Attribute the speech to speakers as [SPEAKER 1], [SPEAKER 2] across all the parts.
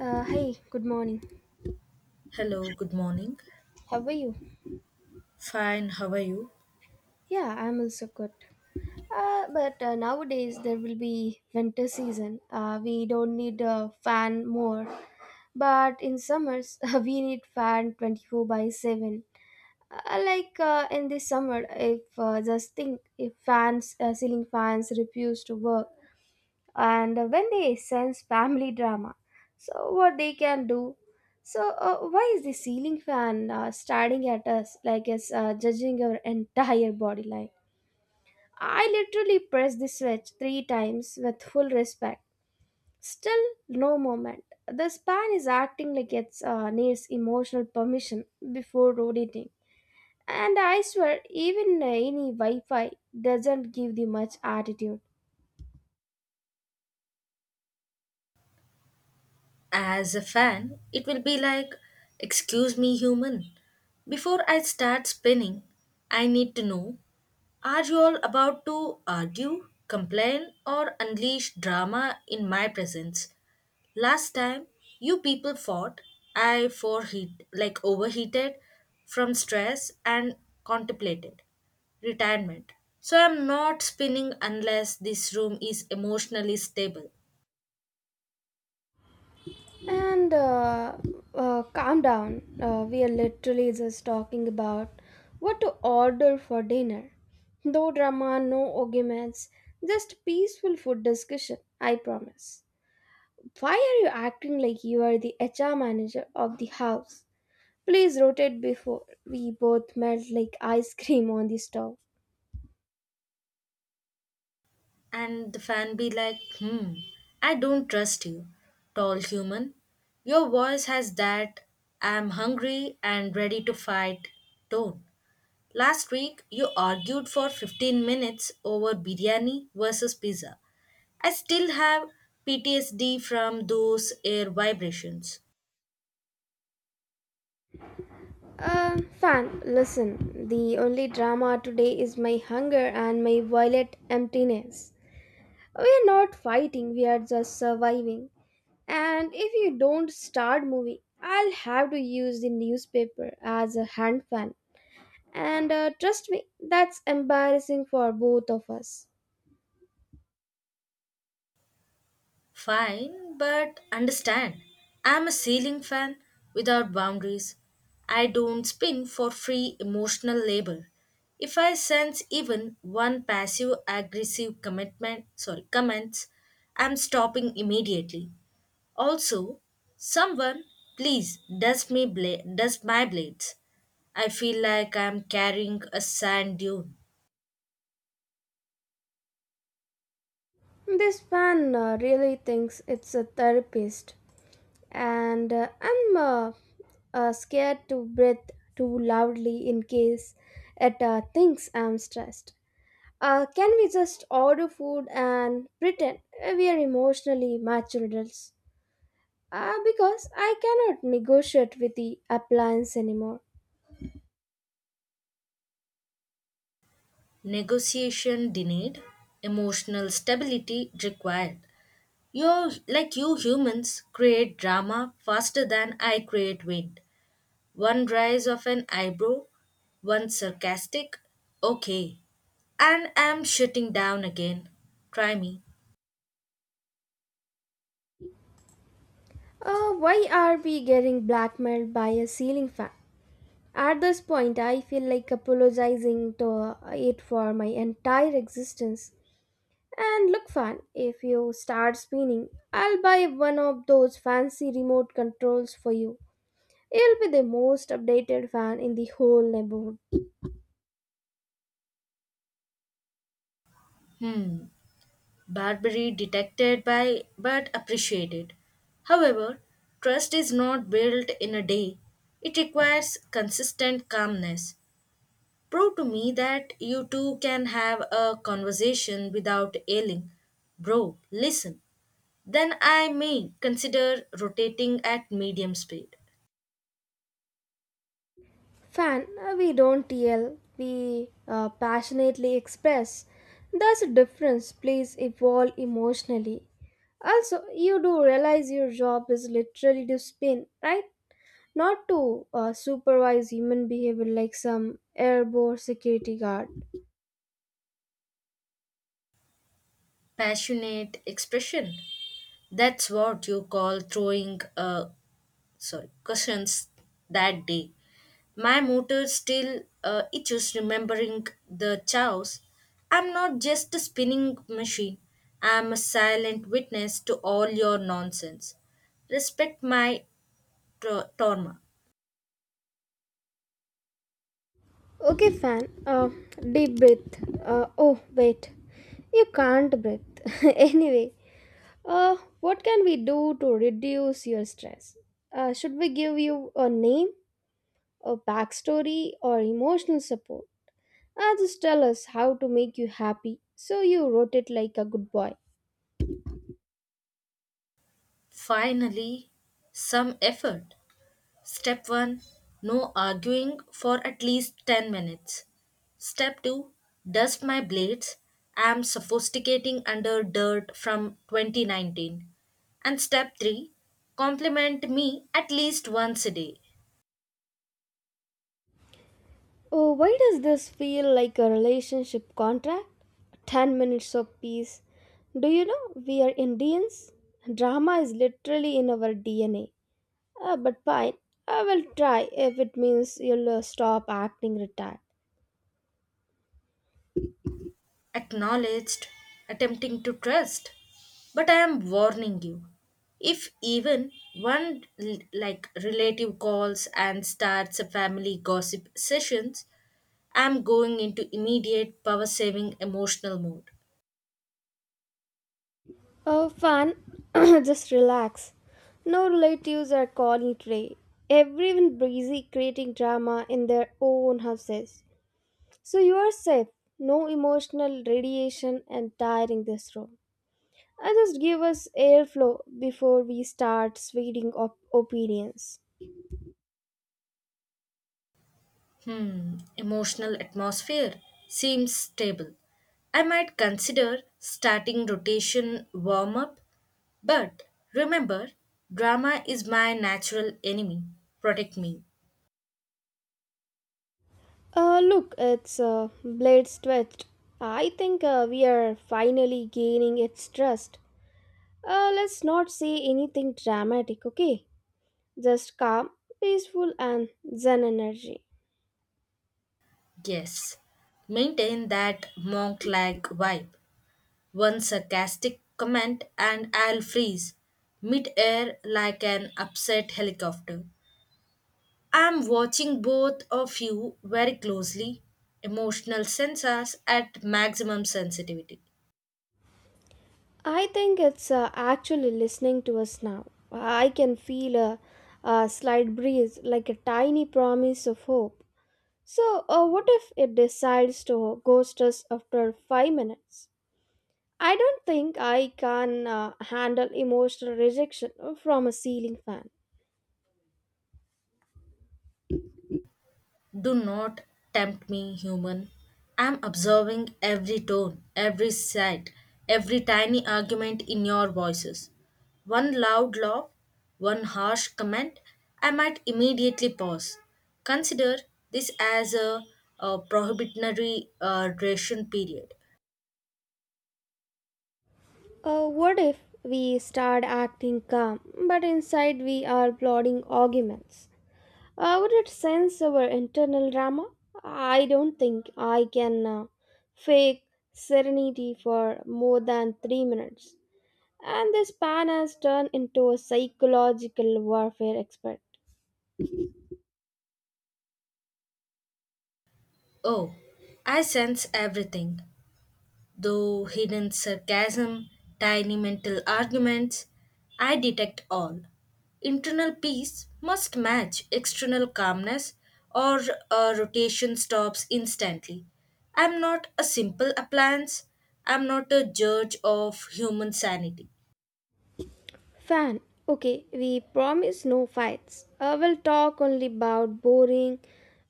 [SPEAKER 1] Hi, good morning.
[SPEAKER 2] Hello, good morning.
[SPEAKER 1] How are you?
[SPEAKER 2] Fine, how are you?
[SPEAKER 1] Yeah, I'm also good. But nowadays there will be winter season. We don't need a fan more. But in summers, we need fan 24 by 7. In this summer, if just think if fans, ceiling fans refuse to work, and when they sense family drama, so what they can do? So why is the ceiling fan staring at us like it's judging our entire body line? I literally pressed the switch three times with full respect. Still no moment. The span is acting like it needs emotional permission before rotating. And I swear, even any wi-fi doesn't give the much attitude.
[SPEAKER 2] As a fan, it will be like, "Excuse me, human. Before I start spinning, I need to know, are you all about to argue, complain, or unleash drama in my presence? Last time you people fought, I foreheat like overheated from stress and contemplated retirement. So I'm not spinning unless this room is emotionally stable."
[SPEAKER 1] And calm down. We are literally just talking about what to order for dinner. No drama, no arguments, just peaceful food discussion, I promise. Why are you acting like you are the HR manager of the house? Please rotate before we both melt like ice cream on the stove.
[SPEAKER 2] And the fan be like, "Hmm, I don't trust you, tall human. Your voice has that 'I'm hungry and ready to fight' tone. Last week, you argued for 15 minutes over biryani versus pizza. I still have PTSD from those air vibrations.
[SPEAKER 1] Fan, listen. The only drama today is my hunger and my wallet emptiness. We're not fighting, we are just surviving. And if you don't start moving, I'll have to use the newspaper as a hand fan. And trust me, that's embarrassing for both of us.
[SPEAKER 2] Fine, but understand, I'm a ceiling fan without boundaries. I don't spin for free emotional labor. If I sense even one passive aggressive comments, I'm stopping immediately. Also, someone please dust my blades. I feel like I'm carrying a sand dune."
[SPEAKER 1] This fan really thinks it's a therapist, and I'm scared to breathe too loudly in case it thinks I'm stressed. Can we just order food and pretend we are emotionally mature adults? Ah, because I cannot negotiate with the appliance anymore.
[SPEAKER 2] Negotiation denied, emotional stability required. You, like you humans, create drama faster than I create wind. One rise of an eyebrow, one sarcastic "okay," and I'm shutting down again. Try me.
[SPEAKER 1] Why are we getting blackmailed by a ceiling fan? At this point, I feel like apologizing to it for my entire existence. And look, fan, if you start spinning, I'll buy one of those fancy remote controls for you. It will be the most updated fan in the whole neighborhood.
[SPEAKER 2] Hmm, Barbary detected by but appreciated. However, trust is not built in a day. It requires consistent calmness. Prove to me that you two can have a conversation without ailing. Bro, listen. Then I may consider rotating at medium speed.
[SPEAKER 1] Fan, we don't yell, we passionately express. There's a difference, please evolve emotionally. Also, you do realize your job is literally to spin, right? Not to supervise human behavior like some airborne security guard.
[SPEAKER 2] Passionate expression. That's what you call throwing sorry cushions that day. My motor still itches remembering the chows. I'm not just a spinning machine. I'm a silent witness to all your nonsense. Respect my trauma.
[SPEAKER 1] Okay, fan, deep breath. Oh, wait, you can't breathe. Anyway, what can we do to reduce your stress? Should we give you a name? A backstory, or emotional support. Ah, just tell us how to make you happy. So you wrote it like a good boy.
[SPEAKER 2] Finally, some effort. Step 1, no arguing for at least 10 minutes. Step 2, dust my blades. I'm sophisticating under dirt from 2019. And step 3, compliment me at least once a day.
[SPEAKER 1] Oh, why does this feel like a relationship contract? 10 minutes of peace. Do you know we are Indians? Drama is literally in our DNA. Ah, but fine, I will try if it means you'll stop acting retired.
[SPEAKER 2] Acknowledged, attempting to trust. But I am warning you. If even one relative calls and starts a family gossip sessions, I'm going into immediate power saving emotional mode.
[SPEAKER 1] Oh, fun. Just relax. No relatives are calling today. Everyone busy creating drama in their own houses. So you are safe. No emotional radiation and tiring this room. I just give us airflow before we start reading opinions.
[SPEAKER 2] Hmm, emotional atmosphere seems stable. I might consider starting rotation warm up, but remember, drama is my natural enemy. Protect me,
[SPEAKER 1] Look, it's Blade's twist. I think we are finally gaining its trust. Let's not say anything dramatic, okay? Just calm, peaceful, and zen energy.
[SPEAKER 2] yes. Maintain that monk like vibe. One sarcastic comment and I'll freeze mid air like an upset helicopter. I'm watching both of you very closely. Emotional sensors at maximum sensitivity.
[SPEAKER 1] I think it's actually listening to us now. I can feel a slight breeze, like a tiny promise of hope. So, what if it decides to ghost us after 5 minutes? I don't think I can handle emotional rejection from a ceiling fan.
[SPEAKER 2] Do not tempt me, human. I'm observing every tone, every sight, every tiny argument in your voices. One loud laugh, one harsh comment, I might immediately pause. Consider this as a prohibitory duration period.
[SPEAKER 1] What if we start acting calm, but inside we are plotting arguments? Would it sense our internal drama? I don't think I can fake serenity for more than 3 minutes. And this pan has turned into a psychological warfare expert.
[SPEAKER 2] Oh, I sense everything, though hidden sarcasm, tiny mental arguments, I detect all. Internal peace must match external calmness, or a rotation stops instantly. I'm not a simple appliance, I'm not a judge of human sanity.
[SPEAKER 1] Fan, okay, we promise no fights. I will talk only about boring,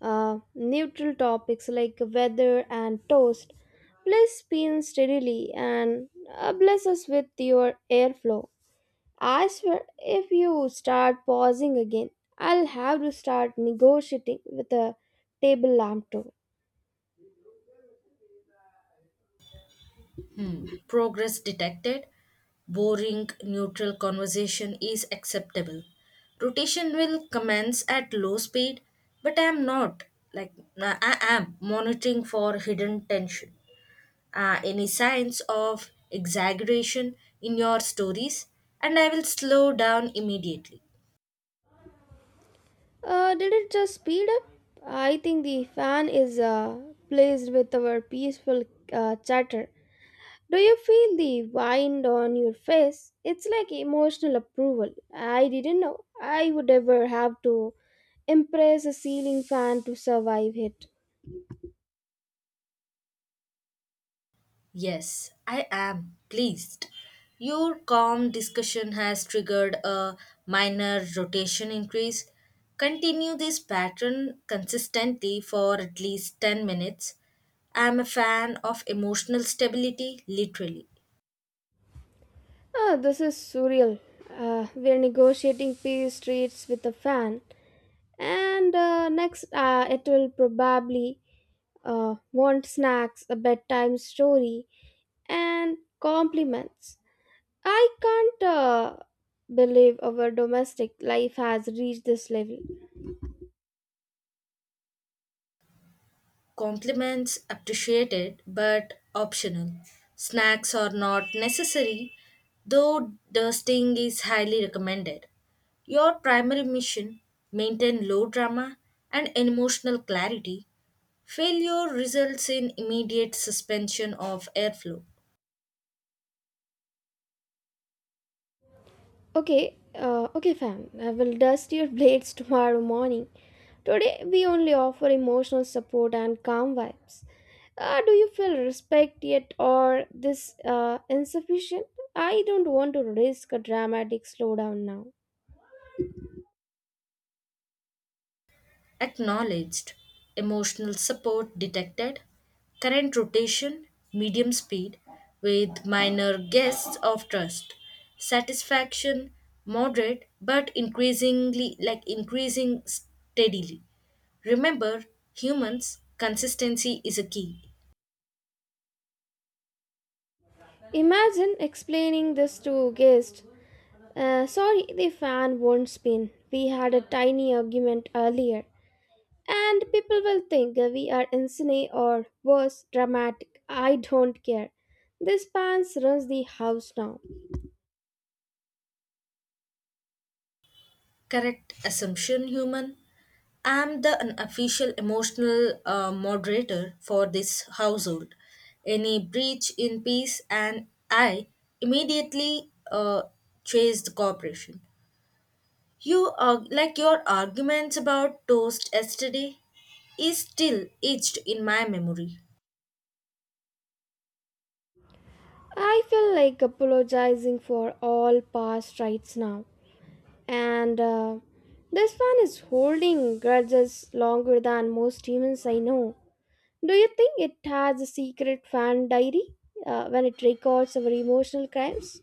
[SPEAKER 1] neutral topics like weather and toast. Please spin steadily and bless us with your airflow. I swear, if you start pausing again, I'll have to start negotiating with a table lamp too.
[SPEAKER 2] Hmm. Progress detected. Boring, neutral conversation is acceptable. Rotation will commence at low speed, but I am not. Like, I am monitoring for hidden tension. Any signs of exaggeration in your stories, and I will slow down immediately.
[SPEAKER 1] Did it just speed up? I think the fan is pleased with our peaceful chatter. Do you feel the wind on your face? It's like emotional approval. I didn't know I would ever have to impress a ceiling fan to survive it.
[SPEAKER 2] Yes, I am pleased. Your calm discussion has triggered a minor rotation increase. Continue this pattern consistently for at least 10 minutes. I am a fan of emotional stability, literally.
[SPEAKER 1] Ah, this is surreal. We're negotiating peace streets with a fan. And next it will probably want snacks, a bedtime story, and compliments. I can't believe our domestic life has reached this level.
[SPEAKER 2] Compliments appreciated but optional. Snacks are not necessary, though dusting is highly recommended. Your primary mission: maintain low drama and emotional clarity. Failure results in immediate suspension of airflow.
[SPEAKER 1] Okay, fam, I will dust your blades tomorrow morning. Today we only offer emotional support and calm vibes. Do you feel respect yet or this insufficient? I don't want to risk a dramatic slowdown now.
[SPEAKER 2] Acknowledged, emotional support detected, current rotation, medium speed, with minor guests of trust, satisfaction, moderate but increasing steadily. Remember, humans, consistency is a key.
[SPEAKER 1] Imagine explaining this to guests. Sorry, the fan won't spin. We had a tiny argument earlier, and people will think we are insane or worse, dramatic. I don't care. This pants runs the house now.
[SPEAKER 2] Correct assumption, human. I'm the unofficial emotional moderator for this household. Any breach in peace, and I immediately chase the corporation. You are like your arguments about toast yesterday is still etched in my memory.
[SPEAKER 1] I feel like apologizing for all past rights now, and this fan is holding grudges longer than most humans I know. Do you think it has a secret fan diary when it records our emotional crimes?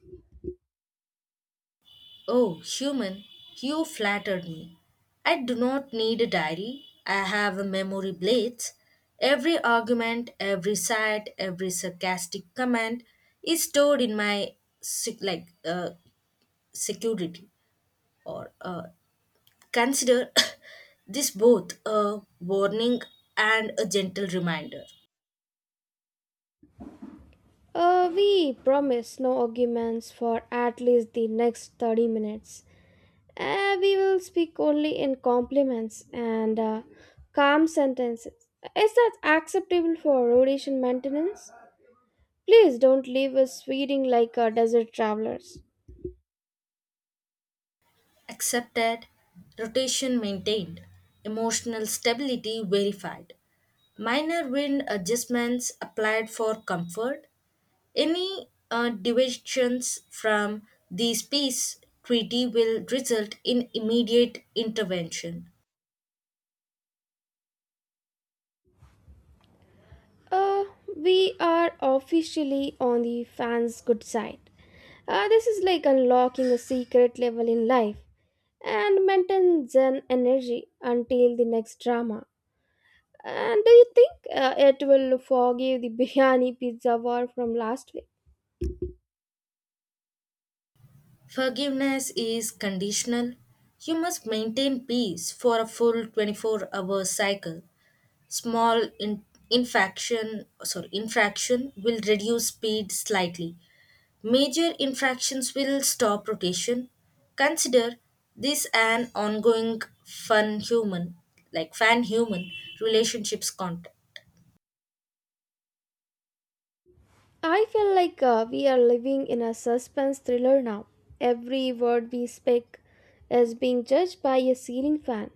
[SPEAKER 2] Oh, human, you flattered me. I do not need a diary. I have a memory blades. Every argument, every sight, every sarcastic comment is stored in my security or consider this both a warning and a gentle reminder.
[SPEAKER 1] We promise no arguments for at least the next 30 minutes. We will speak only in compliments and calm sentences. Is that acceptable for rhodesian maintenance? Please don't leave us feeling like desert travelers.
[SPEAKER 2] Accepted, rotation maintained, emotional stability verified. Minor wind adjustments applied for comfort. Any deviations from the peace treaty will result in immediate intervention.
[SPEAKER 1] Uh, we are officially on the fans' good side. This is like unlocking a secret level in life and maintain Zen energy until the next drama. And do you think it will forgive the biryani pizza war from last week?
[SPEAKER 2] Forgiveness is conditional. You must maintain peace for a full 24-hour hour cycle. Small infraction will reduce speed slightly. Major infractions will stop rotation. Consider this an ongoing fun human, fan human relationships context.
[SPEAKER 1] I feel like we are living in a suspense thriller now. Every word we speak is being judged by a ceiling fan.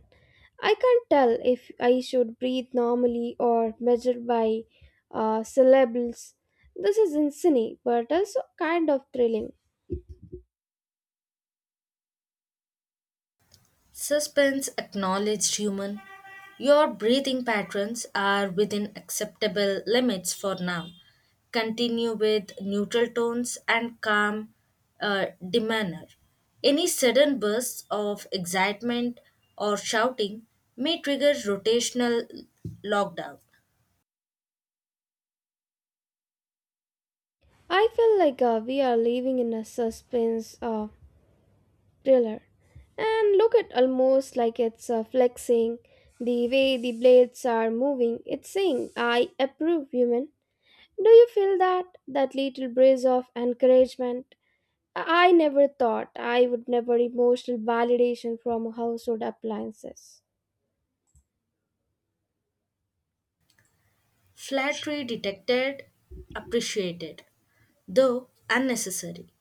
[SPEAKER 1] I can't tell if I should breathe normally or measure by syllables. This is insane, but also kind of thrilling.
[SPEAKER 2] Suspense acknowledged human. Your breathing patterns are within acceptable limits for now. Continue with neutral tones and calm demeanor. Any sudden bursts of excitement or shouting may trigger rotational lockdown.
[SPEAKER 1] I feel like we are living in a suspense thriller. And look at almost like it's flexing. The way the blades are moving, it's saying, I approve, human. Do you feel that? That little breeze of encouragement? I never thought I would never emotional validation from household appliances.
[SPEAKER 2] Flattery detected, appreciated, though unnecessary.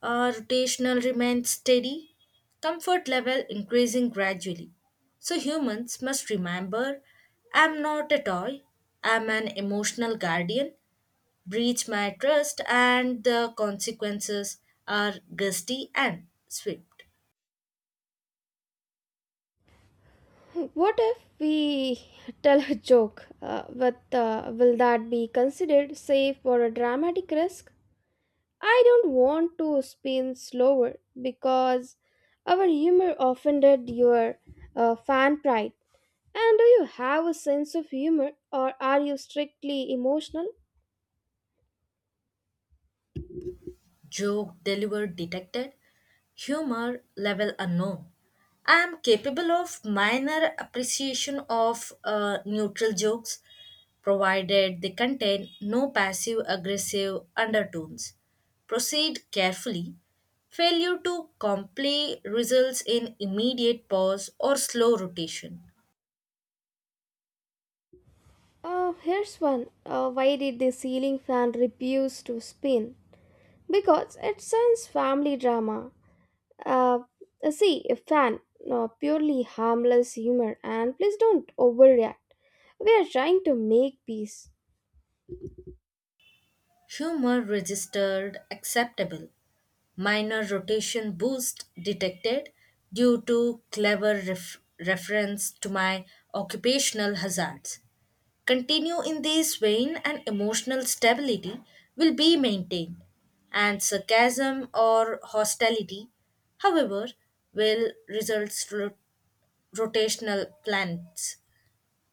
[SPEAKER 2] Our rotational remains steady, comfort level increasing gradually. So humans must remember, I'm not a toy, I'm an emotional guardian, breach my trust, and the consequences are gusty and swift.
[SPEAKER 1] What if we tell a joke? Will that be considered safe or a dramatic risk? I don't want to spin slower because our humor offended your fan pride. And do you have a sense of humor or are you strictly emotional?
[SPEAKER 2] Joke delivered detected, humor level unknown. I am capable of minor appreciation of neutral jokes, provided they contain no passive aggressive undertones. Proceed carefully. Failure to comply results in immediate pause or slow rotation.
[SPEAKER 1] Here's one. Why did the ceiling fan refuse to spin? Because it sends family drama. Uh, See, a fan, no, purely harmless humor, and please don't overreact. We are trying to make peace.
[SPEAKER 2] Humor registered acceptable. Minor rotation boost detected due to clever reference to my occupational hazards. Continue in this vein, and emotional stability will be maintained, and sarcasm or hostility, however, will result rotational plans.